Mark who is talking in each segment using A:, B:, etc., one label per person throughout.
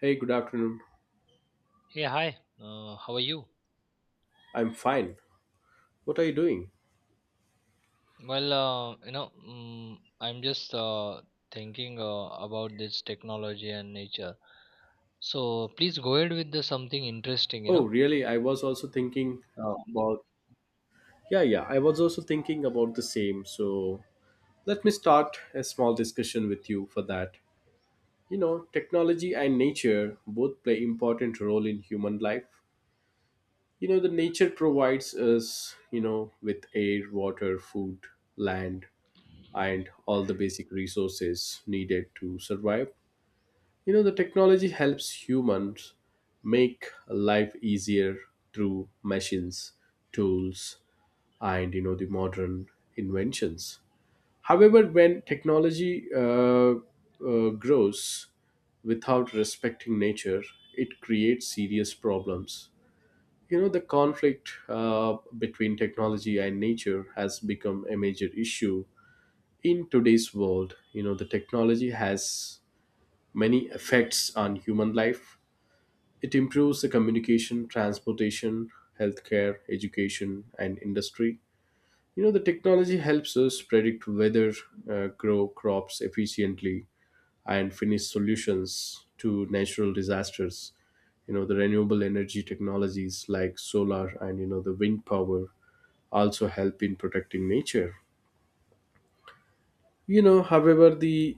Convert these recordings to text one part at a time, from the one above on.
A: Hey, good afternoon.
B: Hey, hi. How are you?
A: I'm fine. What are you doing?
B: Well, I'm just thinking about this technology and nature. So please go ahead with the something interesting, you
A: Oh,
B: know.
A: really? I was also thinking about. Yeah, yeah. I was also thinking about the same. So let me start a small discussion with you for that. You know, technology and nature both play important role in human life. You know, the nature provides us, you know, with air, water, food, land, and all the basic resources needed to survive. You know, the technology helps humans make life easier through machines, tools, and you know the modern inventions. However, when technology grows without respecting nature, it creates serious problems. You know, the conflict between technology and nature has become a major issue in today's world. You know, the technology has many effects on human life, it improves the communication, transportation, healthcare, education, and industry. You know, the technology helps us predict weather, grow crops efficiently, and finish solutions to natural disasters. You know, the renewable energy technologies like solar and, you know, the wind power also help in protecting nature. You know, however, the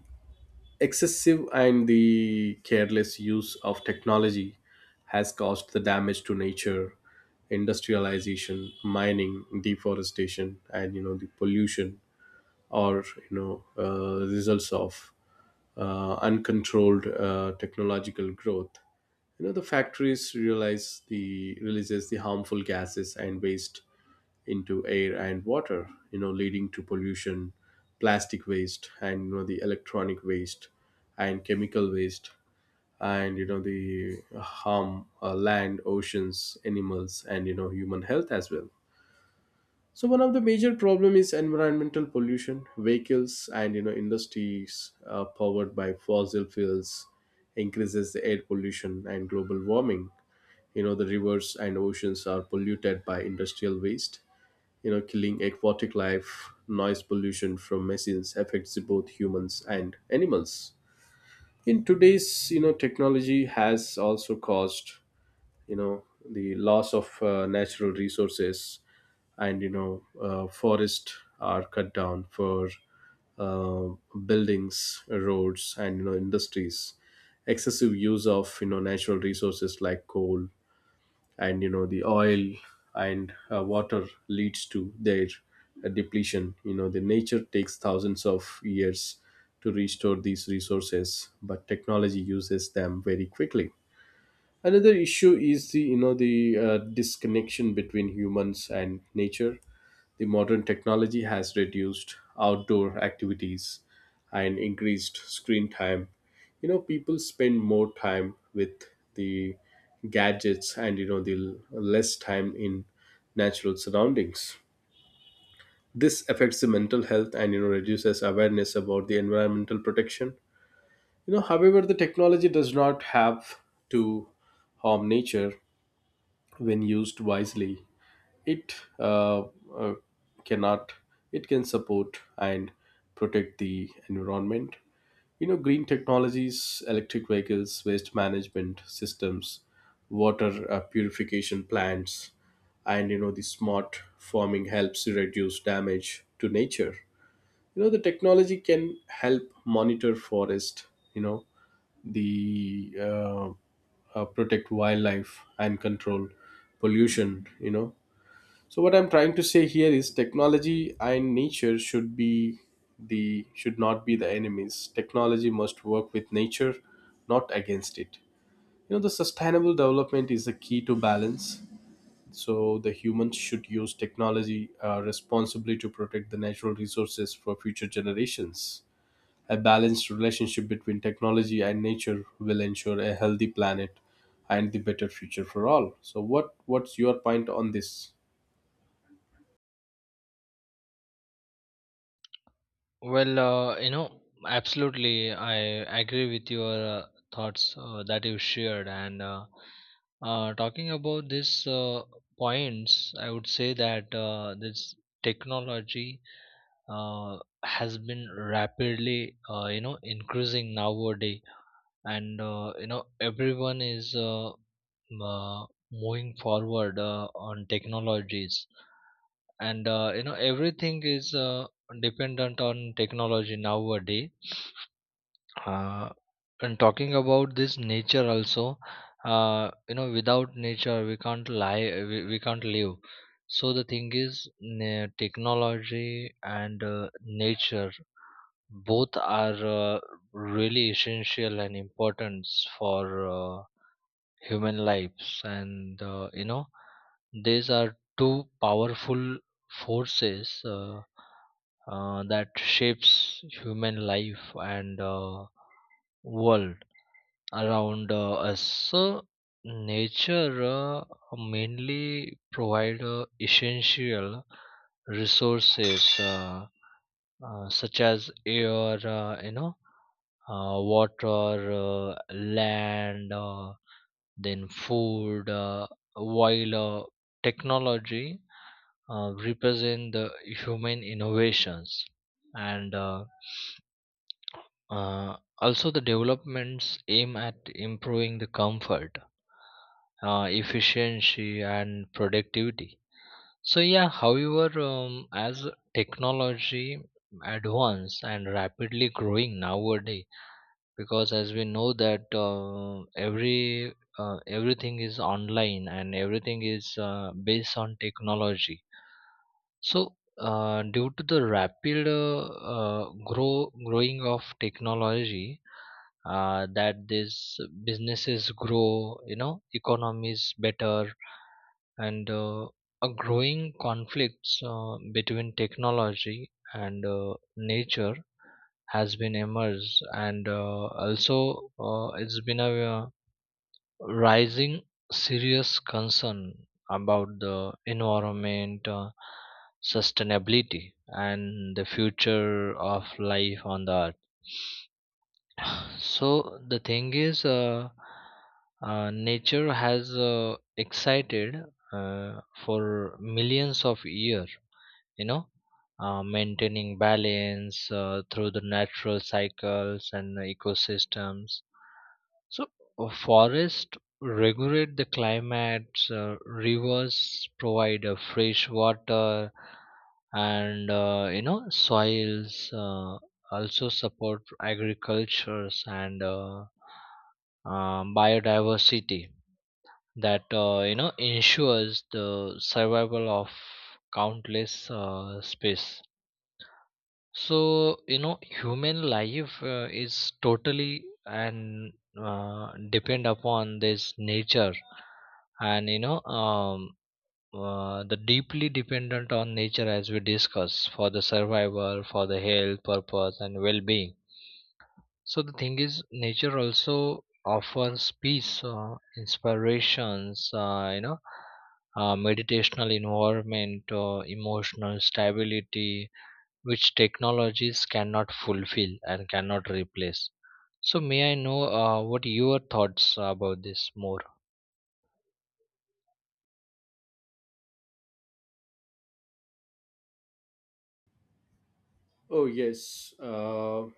A: excessive and the careless use of technology has caused the damage to nature, industrialization, mining, deforestation, and you know the pollution, or you know, results of uncontrolled technological growth. You know the factories realize the releases the harmful gases and waste into air and water, you know, leading to pollution, plastic waste, and you know the electronic waste, and chemical waste, and you know the harm land oceans animals, and you know human health as well. So one of the major problem is environmental pollution, vehicles and you know industries powered by fossil fuels increases the air pollution and global warming. You know the rivers and oceans are polluted by industrial waste, you know, killing aquatic life. Noise pollution from machines affects both humans and animals. In today's, you know, technology has also caused, you know, the loss of natural resources, and you know, forests are cut down for uh, buildings, roads, and you know industries. Excessive use of, you know, natural resources like coal, and you know the oil, and water leads to their depletion. You know the nature takes thousands of years to restore these resources, but technology uses them very quickly. Another issue is the, you know, the disconnection between humans and nature. The modern technology has reduced outdoor activities and increased screen time. You know, people spend more time with the gadgets, and you know the less time in natural surroundings. This affects the mental health, and you know reduces awareness about the environmental protection. You know, however, the technology does not have to harm nature. When used wisely, it uh, cannot it can support and protect the environment. You know, green technologies, electric vehicles, waste management systems, water purification plants, and you know the smart farming helps to reduce damage to nature. You know the technology can help monitor forest, you know, the protect wildlife and control pollution. You know, so what I'm trying to say here is technology and nature should not be the enemies. Technology must work with nature, not against it. You know, the sustainable development is the key to balance. So the humans should use technology responsibly to protect the natural resources for future generations. A balanced relationship between technology and nature will ensure a healthy planet and the better future for all. So what's your point on this?
B: Well, absolutely, I agree with your thoughts that you shared. And talking about this points, I would say that this technology has been rapidly, increasing nowadays and everyone is moving forward on technologies and everything is dependent on technology nowadays. uh, and talking about this nature also, without nature we can't live. So the thing is, technology and nature both are uh, really essential and important for human lives, and these are two powerful forces that shapes human life and world around us. So nature mainly provide essential resources, such as air, water, land, then food, while technology represent the human innovations, and also the developments aim at improving the comfort, efficiency, and productivity. So yeah, however, as technology advance and rapidly growing nowadays, because as we know that everything is online and everything is based on technology. So due to the rapid, growing of technology, that these businesses grow, you know, economies better, and a growing conflicts between technology and nature has been emerged, and also it's been a rising serious concern about the environment, sustainability and the future of life on the earth. So the thing is, nature has excited for millions of years, you know, maintaining balance through the natural cycles and the ecosystems. So forests regulate the climate, uh, rivers provide fresh water, and, you know, soils uh, also support agricultures and, biodiversity that you know ensures the survival of countless species. So you know human life is totally and depend upon this nature, and you know, the deeply dependent on nature, as we discuss, for the survival, for the health purpose and well-being. So the thing is, nature also offers peace, inspirations, meditational environment, emotional stability, which technologies cannot fulfill and cannot replace. So may I know what your thoughts about this more?
A: Oh, yes.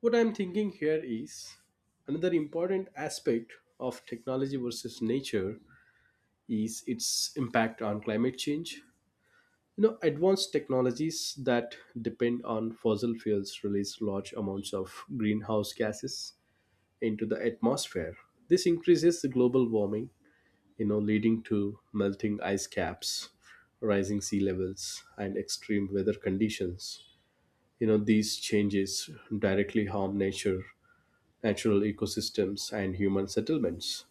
A: What I'm thinking here is another important aspect of technology versus nature is its impact on climate change. You know, advanced technologies that depend on fossil fuels release large amounts of greenhouse gases into the atmosphere. This increases the global warming, you know, leading to melting ice caps, rising sea levels, and extreme weather conditions. You know these changes directly harm nature, natural ecosystems, and human settlements.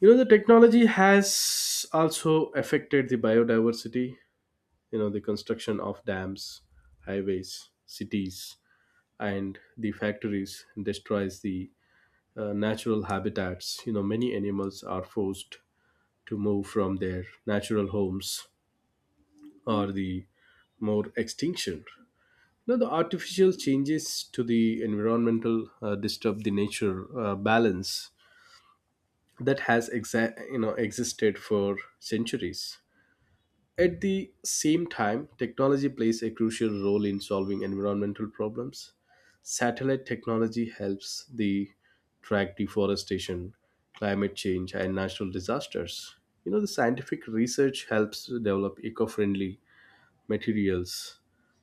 A: You know the technology has also affected the biodiversity. You know the construction of dams, highways, cities, and the factories destroys the natural habitats. You know many animals are forced to move from their natural homes, or the more extinction. Now, the artificial changes to the environmental disturb the nature balance that has you know existed for centuries. At the same time, technology plays a crucial role in solving environmental problems. Satellite technology helps the track deforestation, climate change, and natural disasters. You know, the scientific research helps develop eco-friendly materials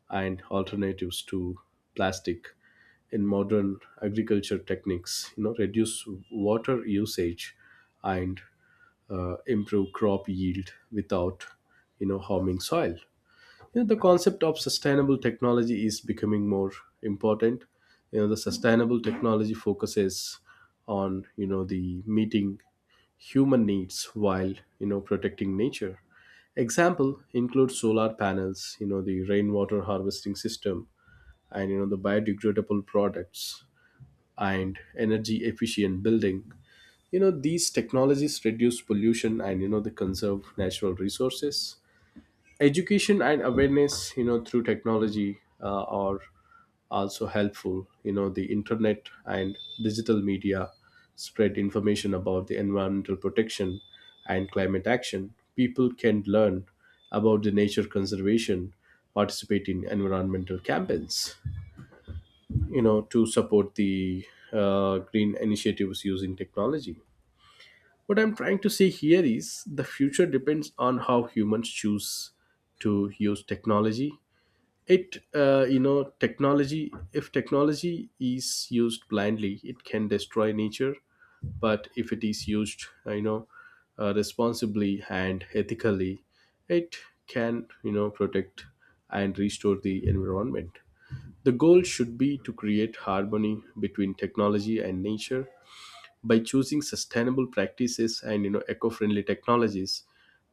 A: and alternatives to plastic. In modern agriculture techniques, you know, reduce water usage and improve crop yield without, you know, harming soil. You know, the concept of sustainable technology is becoming more important. You know the sustainable technology focuses on, you know, the meeting human needs while, you know, protecting nature. Example include solar panels, you know the rainwater harvesting system, and you know the biodegradable products, and energy efficient building. You know these technologies reduce pollution, and you know they conserve natural resources. Education and awareness, you know, through technology are also helpful. You know the internet and digital media spread information about the environmental protection and climate action. People can learn about the nature conservation, participate in environmental campaigns, you know, to support the green initiatives using technology. What I'm trying to say here is the future depends on how humans choose to use technology. It You know technology, if technology is used blindly, it can destroy nature, but if it is used, you know, responsibly and ethically, it can, you know, protect and restore the environment. The goal should be to create harmony between technology and nature. By choosing sustainable practices and you know eco-friendly technologies,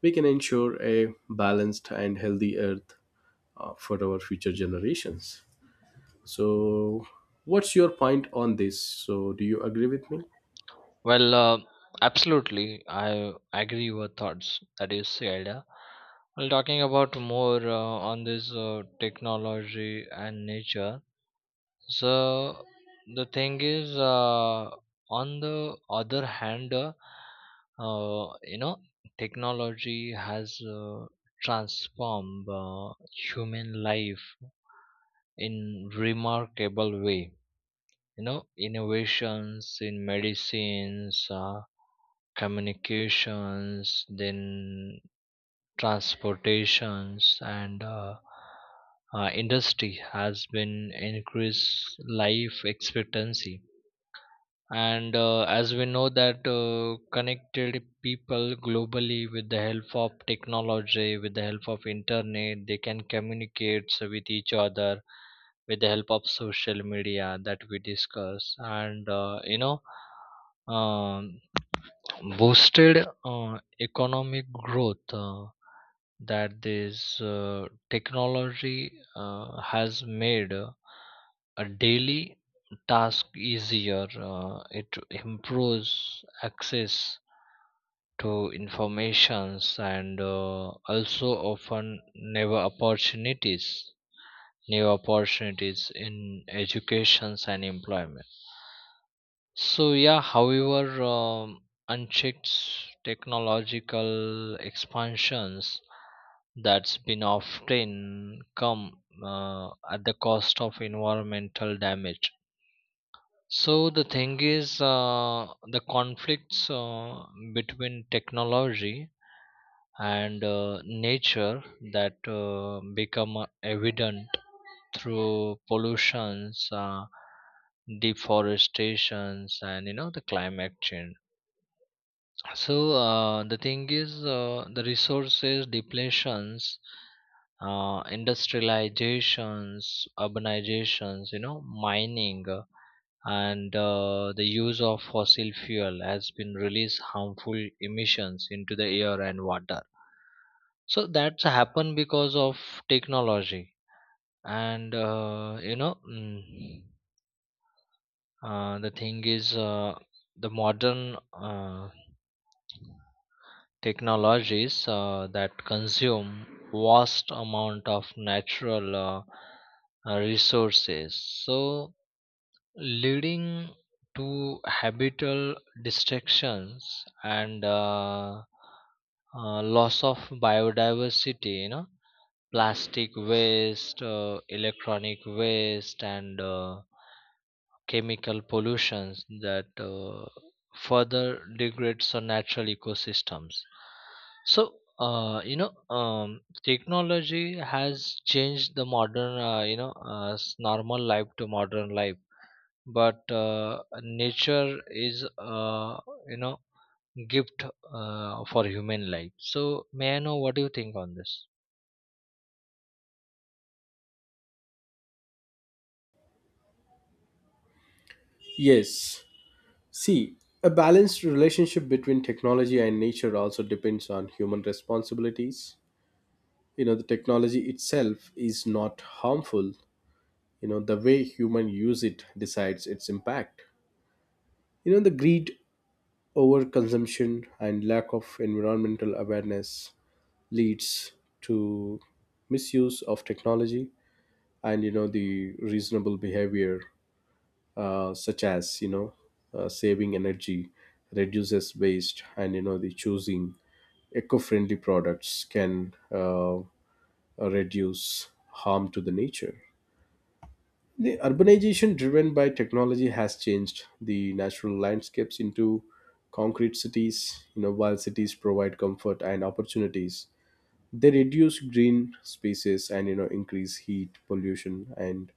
A: we can ensure a balanced and healthy earth for our future generations. So, what's your point on this? So, do you agree with me?
B: Well, absolutely, I agree your thoughts that you said. Well, talking about more on this technology and nature. So the thing is, on the other hand, uh, you know, technology has transformed human life in remarkable way. You know, innovations in medicines, communications, then transportations, and industry has been increased life expectancy, and as we know that connected people globally with the help of technology, with the help of internet, they can communicate with each other, with the help of social media that we discuss. And, you know, um, boosted economic growth, that this technology has made a daily task easier. It improves access to informations, and also often never opportunities new opportunities in educations and employment. So yeah, however, unchecked technological expansions that's been often come at the cost of environmental damage. So the thing is, the conflicts between technology and nature that become evident through pollutions, deforestations, and you know the climate change. So the thing is, the resources depletions, industrializations, urbanizations, you know, mining, and the use of fossil fuel has been released harmful emissions into the air and water. So that's happened because of technology, and, you know, the thing is, the modern technologies that consume vast amount of natural, resources, so leading to habitable destructions, and loss of biodiversity, you know, plastic waste, electronic waste, and chemical pollutions that further degrades our natural ecosystems. So, uh, you know technology has changed the modern, normal life to modern life. But nature is, you know, gift for human life. So may I know what do you think on this?
A: Yes. See, a balanced relationship between technology and nature also depends on human responsibilities. You know, the technology itself is not harmful, you know the way human use it decides its impact. You know the greed, over consumption, and lack of environmental awareness leads to misuse of technology. And you know the reasonable behavior, such as, you know, saving energy, reduces waste, and you know the choosing eco-friendly products can reduce harm to the nature. The urbanization driven by technology has changed the natural landscapes into concrete cities. You know, while cities provide comfort and opportunities, they reduce green spaces and you know increase heat pollution and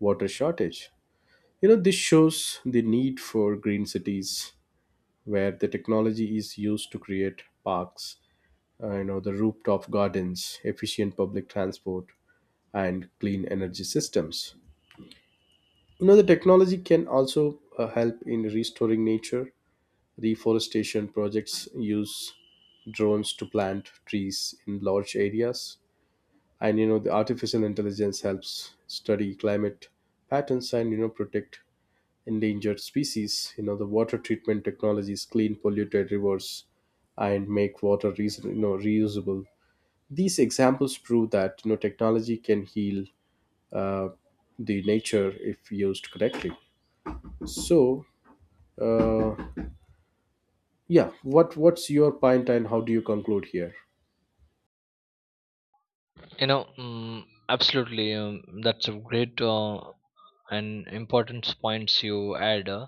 A: water shortage. You know, this shows the need for green cities where the technology is used to create parks, you know, the rooftop gardens, efficient public transport, and clean energy systems. You know, the technology can also help in restoring nature. Reforestation projects use drones to plant trees in large areas. And, you know, the artificial intelligence helps study climate patterns and, you know, protect endangered species. You know, the water treatment technologies clean polluted rivers and make water, reason, you know, reusable. These examples prove that, you know, technology can heal uh, the nature if used correctly. So, uh, yeah, what's your point and how do you conclude here?
B: You know, absolutely. That's a great and important points you add. uh,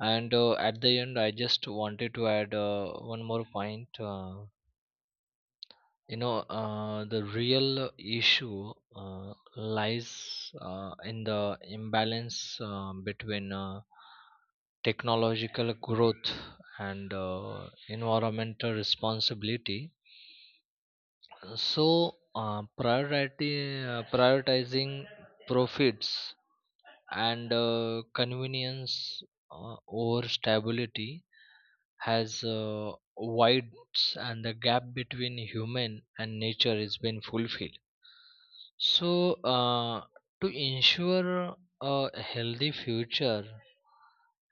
B: and uh, at the end, I just wanted to add one more point. The real issue lies in the imbalance between technological growth and environmental responsibility. So, prioritizing profits and convenience over stability has widens, and the gap between human and nature is been fulfilled. So, to ensure a healthy future,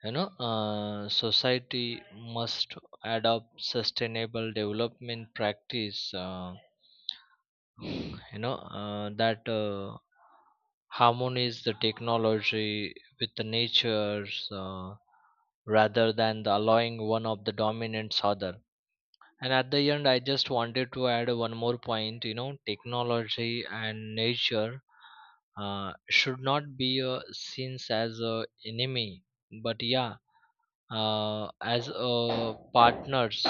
B: you know, society must adopt sustainable development practice. You know that Harmonies the technology with the natures rather than the allowing one of the dominants other. And at the end, I just wanted to add one more point. You know, technology and nature should not be seen as a enemy, but yeah, uh, as partners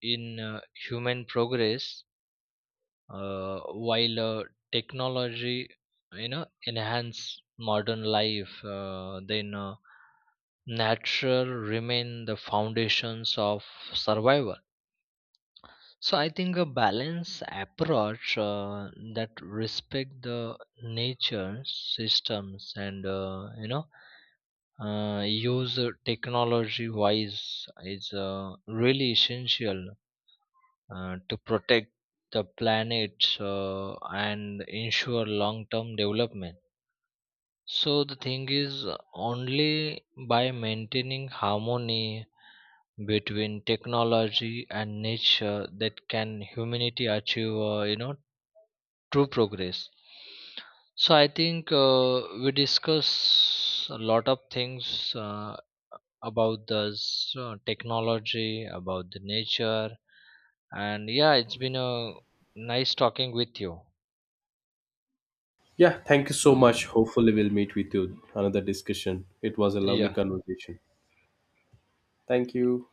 B: in human progress. Uh, while uh, technology, you know, enhance modern life, then natural remain the foundations of survival. So I think a balanced approach that respect the nature systems and, use technology wise is really essential to protect the planet and ensure long term development. So, the thing is, only by maintaining harmony between technology and nature that can humanity achieve, true progress. So, I think we discuss a lot of things about the so technology, about the nature, and yeah, it's been a nice talking with you.
A: Yeah, thank you so much. Hopefully, we'll meet with you another discussion. It was a lovely
B: Yeah,
A: conversation. Thank you.